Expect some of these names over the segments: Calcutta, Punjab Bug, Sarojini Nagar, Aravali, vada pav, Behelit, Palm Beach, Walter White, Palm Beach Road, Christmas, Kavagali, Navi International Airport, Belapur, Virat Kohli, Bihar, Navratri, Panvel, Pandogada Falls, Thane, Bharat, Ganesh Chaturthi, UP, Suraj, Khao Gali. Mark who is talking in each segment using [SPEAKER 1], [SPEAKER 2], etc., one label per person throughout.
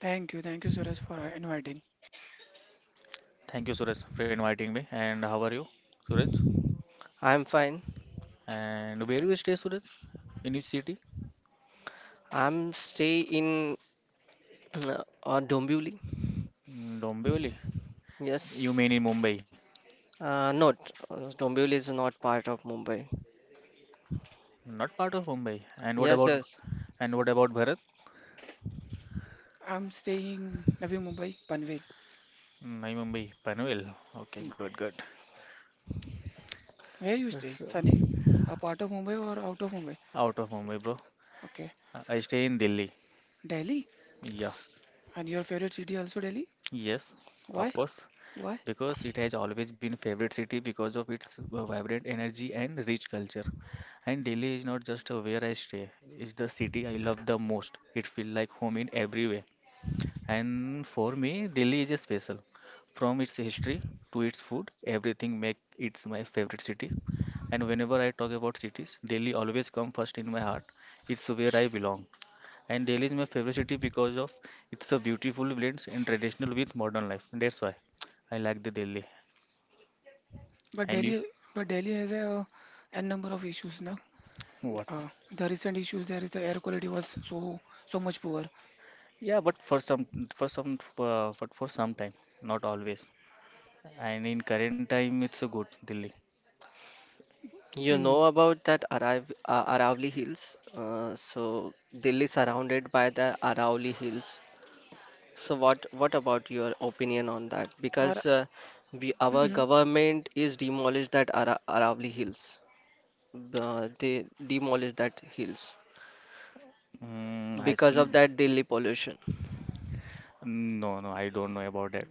[SPEAKER 1] Thank you, Suraj, for inviting.
[SPEAKER 2] Thank you, Suraj, for inviting me. And how are you, Suraj? And where you stay, Suraj? In which city? Mm, Dombivli. You mean in Mumbai? Not part of Mumbai. And what about
[SPEAKER 1] i
[SPEAKER 2] and what about Bharat?
[SPEAKER 1] I'm staying Navi Mumbai, Panvel.
[SPEAKER 2] Mm, My Mumbai, Panvel.
[SPEAKER 1] Mm.
[SPEAKER 2] Okay, good, good.
[SPEAKER 1] Where you stay, Sunny? A part of Mumbai or out of Mumbai?
[SPEAKER 2] Out of Mumbai, bro.
[SPEAKER 1] Okay,
[SPEAKER 2] I stay in Delhi.
[SPEAKER 1] Delhi.
[SPEAKER 2] Yeah.
[SPEAKER 1] And your favorite city also Delhi?
[SPEAKER 2] Yes, of
[SPEAKER 1] Why?
[SPEAKER 2] course.
[SPEAKER 1] Why?
[SPEAKER 2] Because it has always been favorite city because of its vibrant energy and rich culture. And Delhi is not just a where I stay, it's the city I love the most. It feels like home in every way. And for me, Delhi is a special. From its history to its food, everything make it my favorite city. And whenever I talk about cities, Delhi always come first in my heart. It's where I belong. And Delhi is my favorite city because of it's a beautiful blends and traditional with modern life. That's why I like the Delhi.
[SPEAKER 1] But
[SPEAKER 2] And you
[SPEAKER 1] Delhi, but Delhi has a n number of issues now.
[SPEAKER 2] what?
[SPEAKER 1] The recent issues there is the air quality was so so much poor.
[SPEAKER 2] Yeah, but but for some time, not always. And in current time, it's a good Delhi.
[SPEAKER 1] Hmm. Or mhm.
[SPEAKER 2] Mm, I think no, no, I don't know about that.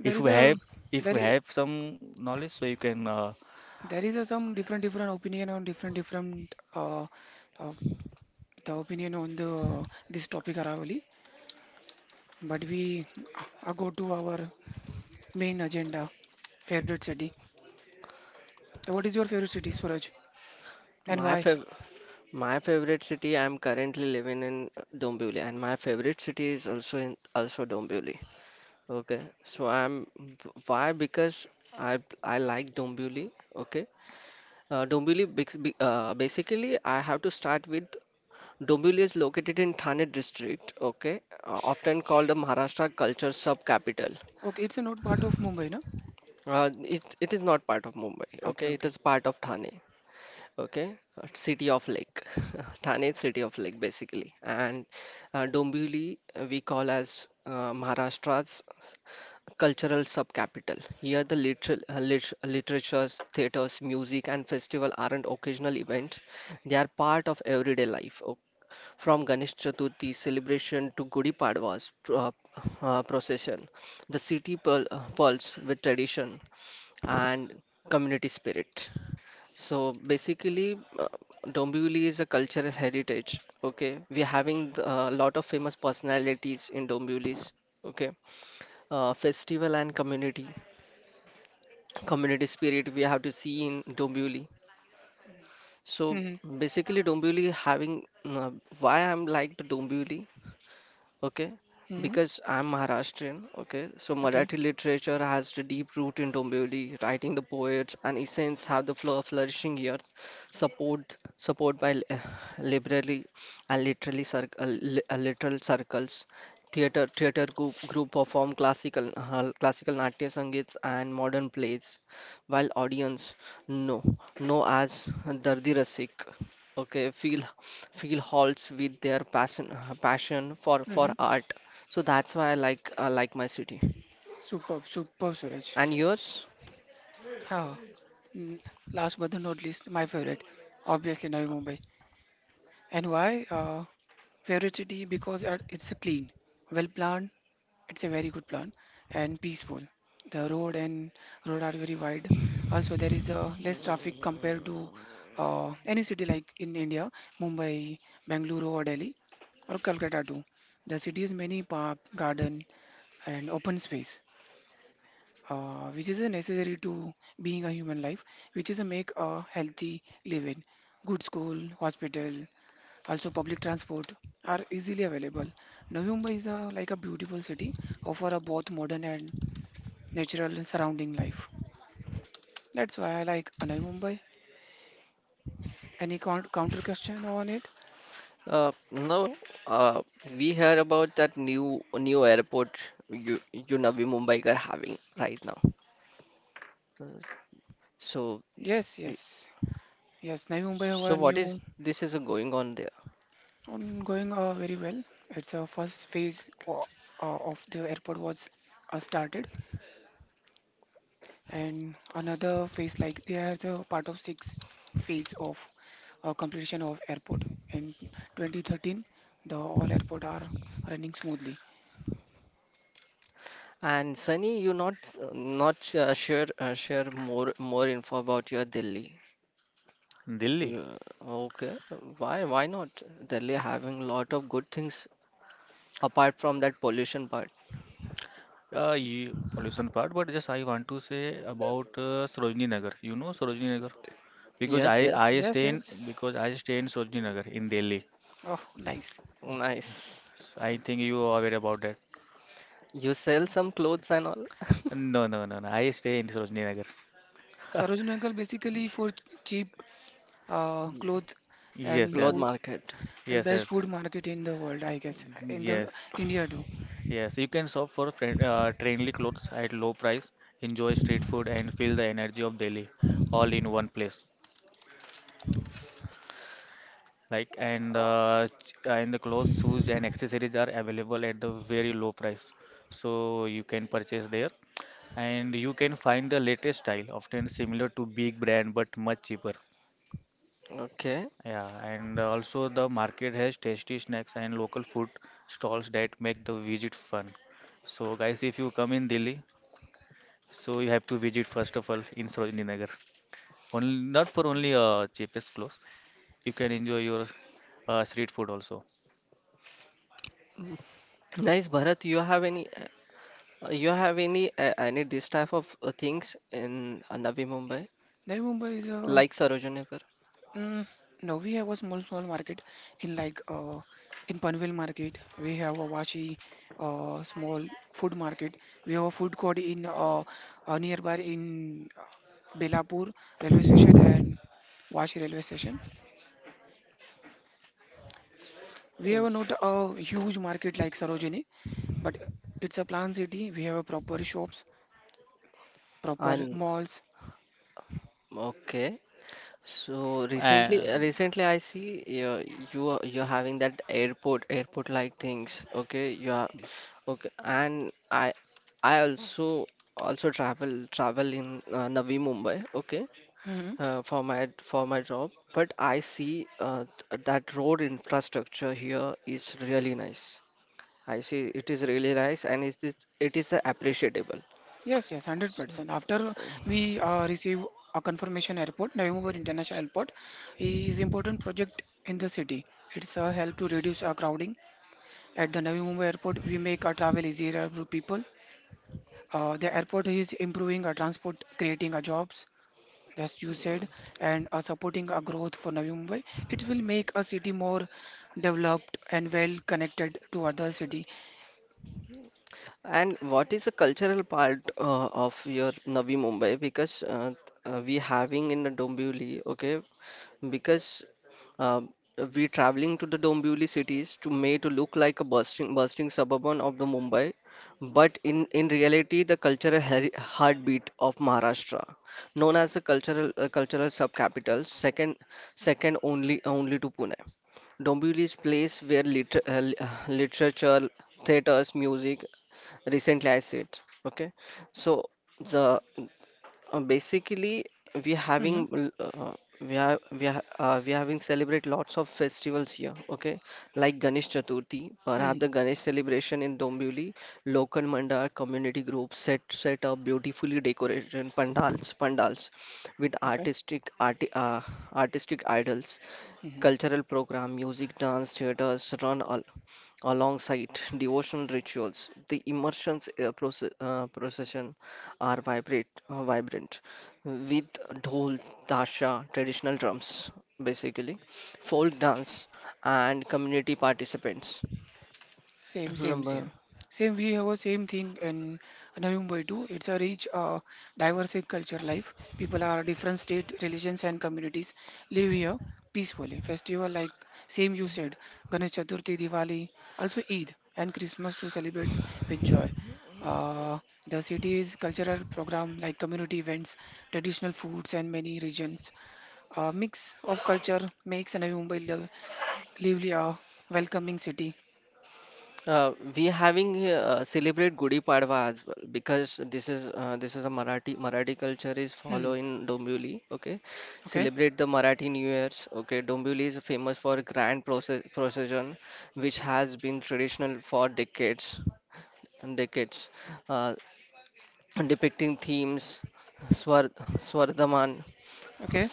[SPEAKER 1] There
[SPEAKER 2] If
[SPEAKER 1] is
[SPEAKER 2] we have, if
[SPEAKER 1] there
[SPEAKER 2] we
[SPEAKER 1] is,
[SPEAKER 2] have some knowledge, so you can
[SPEAKER 1] a some different different opinion on different different uh, the opinion on the this topic Aravali, but we go to our main agenda, favorite city. So what is your favorite city, Suraj, and why? Okay, it's a not part of Mumbai, no? Okay, okay. Hmm, hmm. Okay. Hmm. Superb, superb, Suraj. Ha. Mm, last but not least, my favorite, obviously Navi Mumbai. And why? Favorite city because it's a clean, well planned. It's a very good plan and peaceful. The road and road are very wide. Also, there is less traffic compared to any city like in India, Mumbai, Bangalore or Delhi or Calcutta too. The city has many park, garden and open space which is a necessary to being a human life, which is a make a healthy living. Good school, hospital, also public transport are easily available. Navi Mumbai is a, like a beautiful city, offer a both modern and natural surrounding life. That's why I like Navi Mumbai. Any counter question on it? Yes, yes, yes. Navi Mumbai our new going very well. It's a first phase of the airport was started. And another phase like they are the part of six phase of completion of airport in 2013. The all airport are running smoothly.
[SPEAKER 2] Delhi. You, pollution part, but just I want to say about Sarojini Nagar. You know Sarojini Nagar because I
[SPEAKER 1] Yes,
[SPEAKER 2] stay in
[SPEAKER 1] yes.
[SPEAKER 2] because I stay in Sarojini Nagar in Delhi.
[SPEAKER 1] Oh, nice.
[SPEAKER 2] I think you are aware about that. No, no, no, no. I stay in Sarojini Nagar.
[SPEAKER 1] Sarojini uncle basically for cheap clothes
[SPEAKER 2] Yes,
[SPEAKER 1] and
[SPEAKER 2] yes,
[SPEAKER 1] food and
[SPEAKER 2] yes,
[SPEAKER 1] best
[SPEAKER 2] yes,
[SPEAKER 1] food market in the world, I guess, in the
[SPEAKER 2] yes,
[SPEAKER 1] India too.
[SPEAKER 2] yes. You can shop for friend, trendy clothes at low price, enjoy street food, and feel the energy of Delhi, all in one place. Like and and the clothes, shoes, and accessories are available at the very low price, so you can purchase there. And you can find the latest style, often similar to big brand but much cheaper. Yeah, and also the market has tasty snacks and local food stalls that make the visit fun. So guys, if you come in Delhi, so you have to visit first of all in Sarojini Nagar. Only not for only cheapest clothes, you can enjoy your street food also.
[SPEAKER 1] Navi Mumbai is a, mm, no, we have a small small market in like in Panvel market. We have a Washi small food market. We have a food court in nearby in Belapur railway station and Washi railway station. We have not a huge market like Sarojini, but it's a planned city. We have a proper shops, proper malls.
[SPEAKER 2] And.
[SPEAKER 1] Mhm. Yes, yes, 100%. After we receive a confirmation airport, Navi International Airport is important project in the city. It's a help to reduce our crowding. At the Navi Mumbai Airport, we make our travel easier for people. The airport is improving our transport, creating our jobs, as you said, and supporting our growth for Navi Mumbai. It will make a city more developed and well connected to other city. Hmm, hmm. Okay. Mhm. Same, same, same. Same, we have a same thing in Navi Mumbai too. It's a rich, diverse in culture life. People are different state, religions and communities live here peacefully. Festival like same you said, Ganesh Chaturthi, Diwali, also Eid and Christmas to celebrate with joy. Uh, the city's cultural program like community events, traditional foods and many regions. A mix of culture makes Navi Mumbai live, lively a welcoming city. Hmm. Okay. Okay.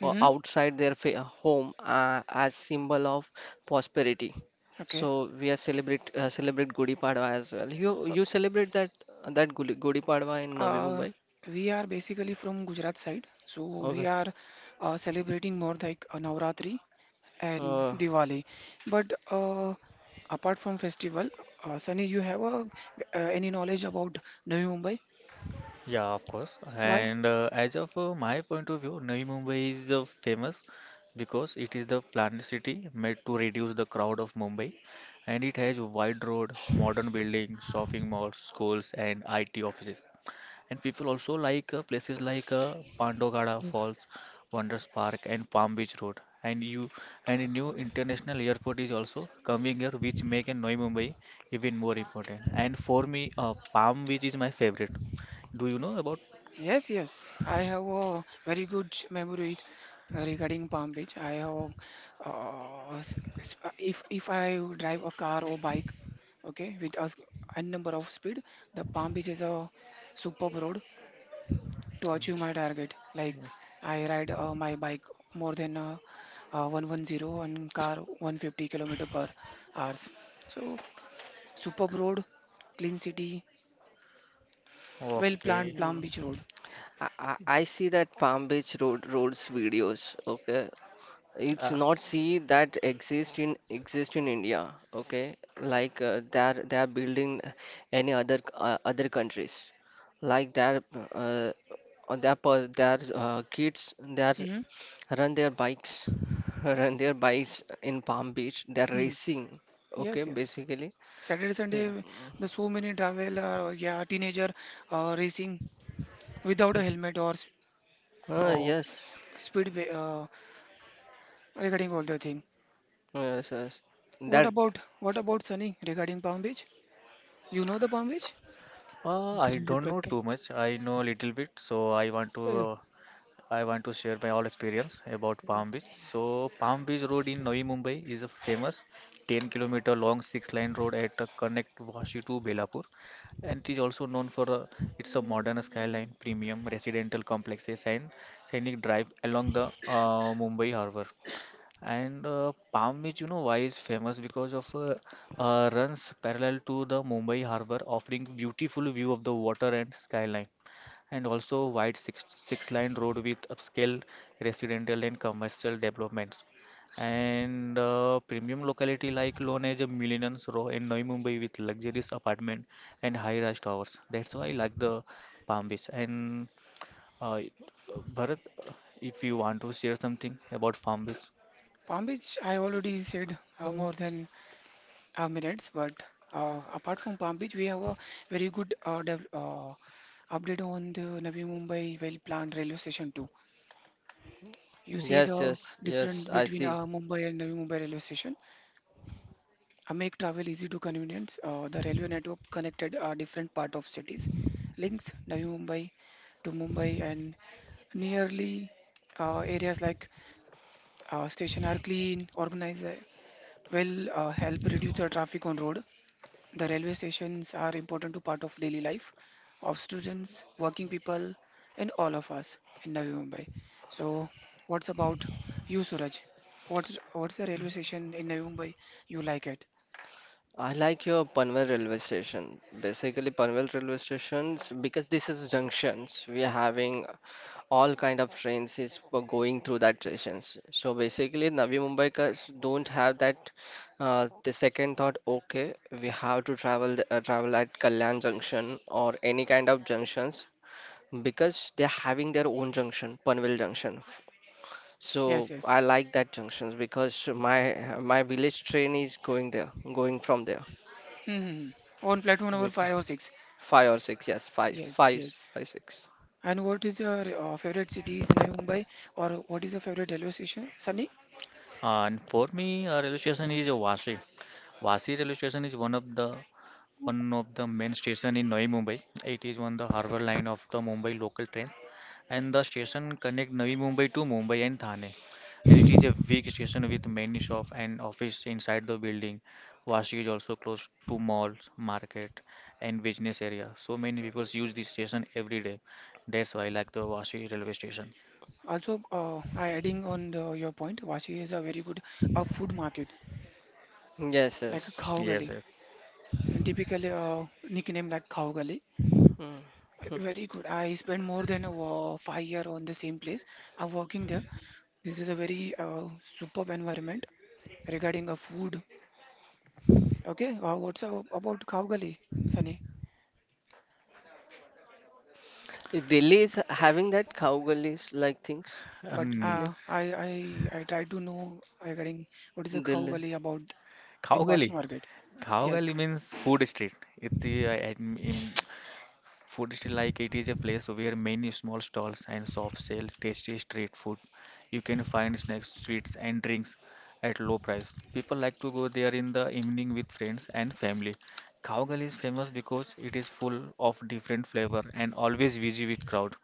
[SPEAKER 1] Mm-hmm. Okay. Uh, we are basically from Gujarat side, so we are celebrating more like Navratri and Diwali. But apart from festival, Sunny, you have a, any knowledge about Navi Mumbai?
[SPEAKER 2] Yeah, of course. And as of my point of view, Navi Mumbai is famous because it is the planned city made to reduce the crowd of Mumbai, and it has wide road, modern buildings, shopping malls, schools, and IT offices. And people also like places like Pandogada Falls, Wonders Park, and Palm Beach Road. And you and a new international airport is also coming here, which make and Navi Mumbai even more important. And for me, Palm Beach is my favorite. Do you know about?
[SPEAKER 1] Yes, yes. I have a very good memory regarding Palm Beach. I have, if I drive a car or bike, okay, with a, a number of speed, the Palm Beach is a superb road to achieve my target. Like I ride my bike more than 110 and car 150 kilometer per hours. So superb road, clean city, well planned
[SPEAKER 2] Okay.
[SPEAKER 1] Palm Beach road.
[SPEAKER 2] Uh,
[SPEAKER 1] Hmm. Yes, yes. Saturday, Sunday, the so many traveler or yeah, teenager racing without a helmet or uh, speed regarding all the thing. What about Sunny regarding Palm Beach? You know the Palm Beach?
[SPEAKER 2] I don't know too much. I know a little bit, so I want to uh, I want to share my all experience about Palm Beach. So, Palm Beach Road in Navi Mumbai is a famous 10-kilometer long 6 lane road at connect Vashi to Belapur and it is also known for its a modern skyline, premium residential complexes and scenic drive along the Mumbai harbor. And Palm Beach, you know, why is famous because of runs parallel to the Mumbai harbor, offering beautiful view of the water and skyline and also wide 6 line road with upscale residential and commercial developments and premium locality like Lone Age, Millenniums Row and Navi Mumbai with luxurious apartment and high-rise towers. That's why I like the Palm Beach. And uh, Bharat, if you want to share something about Palm Beach,
[SPEAKER 1] Palm Beach, I already said more than minutes, but apart from Palm Beach, we have a very good dev update on the Navi Mumbai well-planned railway station too. You see the difference between Mumbai and Navi Mumbai railway station. I make travel easy to convenience. The railway network connected different part of cities, links Navi Mumbai to Mumbai and nearly areas like station are clean, organized, will help reduce the traffic on road. The railway stations are important to part of daily life of students, working people, and all of us in Navi Mumbai. So, what's about you, Suraj? What's the railway station in Navi Mumbai you like it? Yes, yes. Hmm. On platform number five or six. Yes, yes. And what is your favorite cities in Mumbai, or what is your favorite railway station, Sunny?
[SPEAKER 2] and for me, railway station is Vashi. Vashi railway station is one of the main station in Navi Mumbai. It is on the harbour line of the Mumbai local train, and the station connect Navi Mumbai to Mumbai and Thane. And it is a big station with many shop and office inside the building. Vashi is also close to malls, market, and business area. So many people use this station every day. That's why I like the Vashi railway station.
[SPEAKER 1] Also, I adding on the, your point, Vashi has a very good food market, like Khao
[SPEAKER 2] Yes,
[SPEAKER 1] Gali,
[SPEAKER 2] yes.
[SPEAKER 1] and typically nickname like Khao Gali. Very good. I spent more than 5 year on the same place. I'm working there. This is a very superb environment regarding a food. Okay, what's about Khao Gali, Sunny? But
[SPEAKER 2] Um,
[SPEAKER 1] I try to know regarding what is a Khau Gali about in
[SPEAKER 2] Khao
[SPEAKER 1] Washi
[SPEAKER 2] Gali.
[SPEAKER 1] market.
[SPEAKER 2] Khao
[SPEAKER 1] Yes.
[SPEAKER 2] Gali means food street. It, in Food is like it is a place where many small stalls and shops sell tasty street food. You can find snacks, sweets, and drinks at low price. People like to go there in the evening with friends and family. Kavagal is famous because it is full of different flavor and always busy with crowd.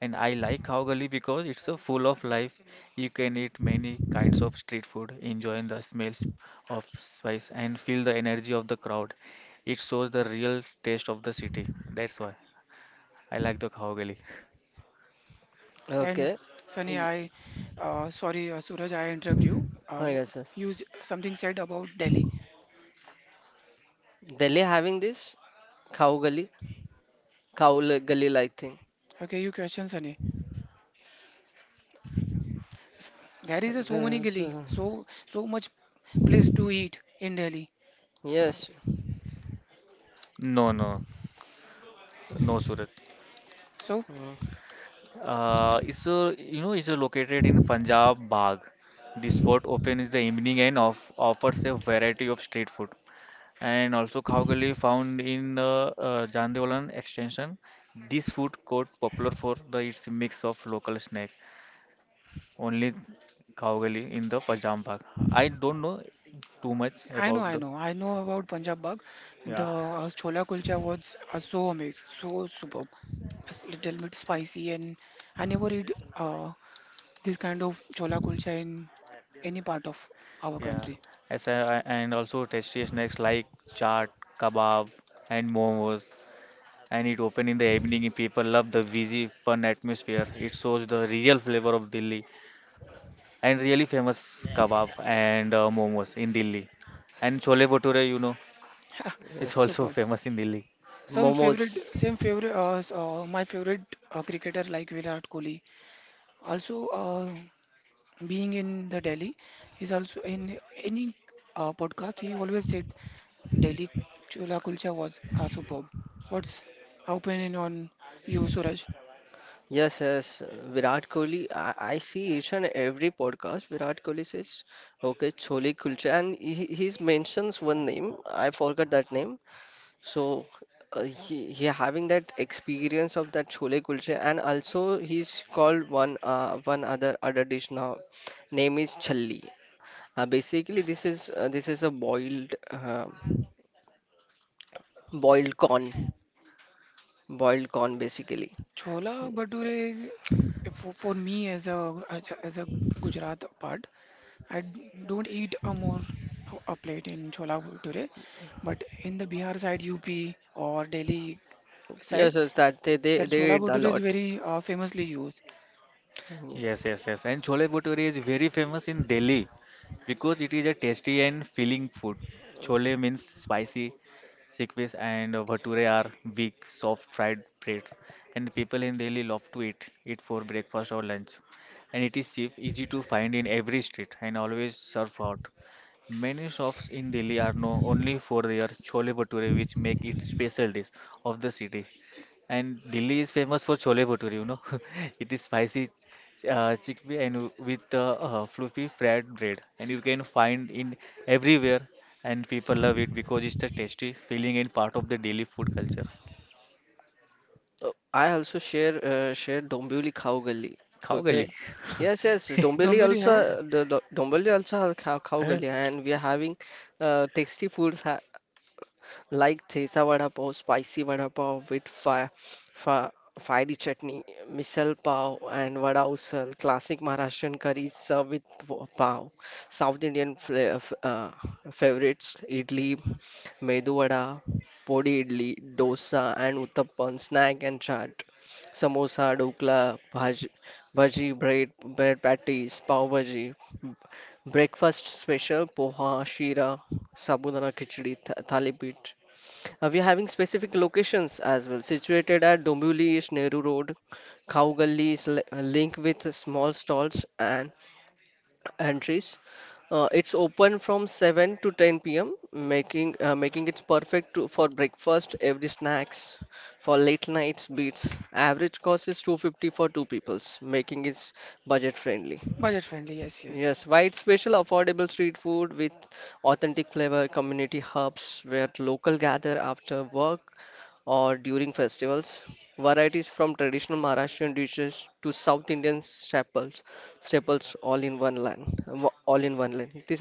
[SPEAKER 2] And I like Kavagali because it's a full of life. You can eat many kinds of street food, enjoying the smells of spice and feel the energy of the crowd. It shows the real taste of the city. That's why. I like the Khao Gali.
[SPEAKER 1] And Sunny, I sorry Suraj, I interrupt you. You something said about Delhi. Okay, you question Sunny. S- There is a so many gali, so so much place to eat in Delhi.
[SPEAKER 2] No, no, no, Surat.
[SPEAKER 1] So
[SPEAKER 2] It's you know it's located in Punjab Bagh. This spot open in the evening and offers a variety of street food. And also Khao Gali found in the Jandeolan extension. This food court popular for the its mix of local snack. Only Khao Gali in the Punjab Bagh. I don't know too much
[SPEAKER 1] I know,
[SPEAKER 2] about
[SPEAKER 1] I
[SPEAKER 2] the
[SPEAKER 1] know, I know about Punjab Bug. The
[SPEAKER 2] yeah.
[SPEAKER 1] chola kulcha was so amazing, so superb. It's little bit spicy, and I never eat this kind of chola kulcha in any part of our
[SPEAKER 2] Yeah,
[SPEAKER 1] country.
[SPEAKER 2] and also tasty snacks like chaat, kebab, and momos. And it open in the evening. And people love the busy, fun atmosphere. It shows the real flavor of Delhi and really famous kebab and momos in Delhi. And chole bhature, you know, is also
[SPEAKER 1] Super.
[SPEAKER 2] famous in Delhi.
[SPEAKER 1] Some favorite, same favorite, my favorite cricketer like Virat Kohli. Also, being in the Delhi, he's also in any podcast. He always said Delhi Chola Kulcha was superb. What's your opinion on you, Suraj? Chola Bhature, for me as a as a as a Gujarat part, I don't eat a more a plate in Chola Bhature, but in the Bihar side, UP or Delhi side, their Chola Bhature is very famously used.
[SPEAKER 2] Yes, yes, yes. And chole bhature is very famous in Delhi because it is a tasty and filling food. Chole means spicy, Sikvis and bhature are big, soft fried breads, and people in Delhi love to eat it for breakfast or lunch. And it is cheap, easy to find in every street, and always served hot. Many shops in Delhi are known only for their chole bhature, which make it special dish of the city. And Delhi is famous for chole bhature, you know. It is spicy chickpea and with fluffy fried bread, and you can find in everywhere. And people love it because it's the tasty feeling and part of the daily food culture. Khao gali.
[SPEAKER 1] Dombivli have a budget friendly. Yes, yes,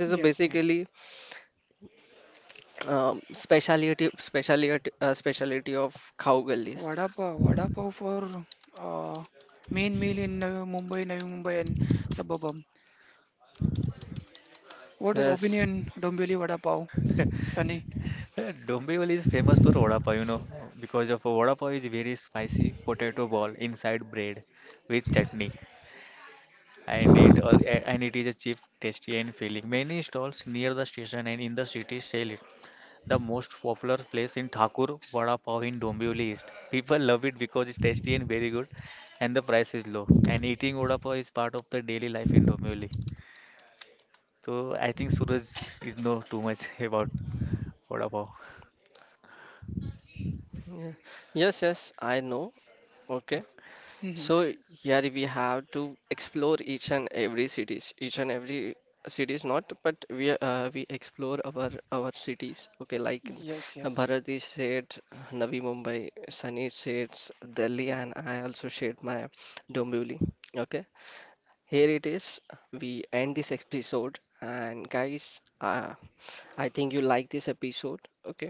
[SPEAKER 1] yes, yes. Vada pav for uh, main meal in Navi Mumbai, Navi Mumbai and suburban. What is opinion Dombivli vada pav, Sunny?
[SPEAKER 2] Dombivli is famous for vada pav, you know, because of vada pav is very spicy potato ball inside bread with chutney, and and it is a cheap, tasty and filling. Many stalls near the station and in the city sell it, The most popular place in Thakur Vada Pav in Dombivli is. People love it because it's tasty and very good, and the price is low. And eating Vada Pav is part of the daily life in Dombivli. So I think Suraj is know too much about Vada Pav.
[SPEAKER 1] Hmm. Yes, yes.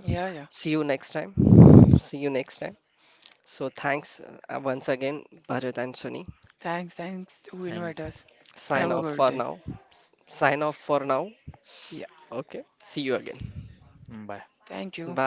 [SPEAKER 1] Yeah, yeah. Thanks, thanks to
[SPEAKER 2] Thank,
[SPEAKER 1] invite us. Have
[SPEAKER 2] thank
[SPEAKER 1] a
[SPEAKER 2] you.
[SPEAKER 1] good day. Yeah,
[SPEAKER 2] Mm, bye.
[SPEAKER 1] thank you.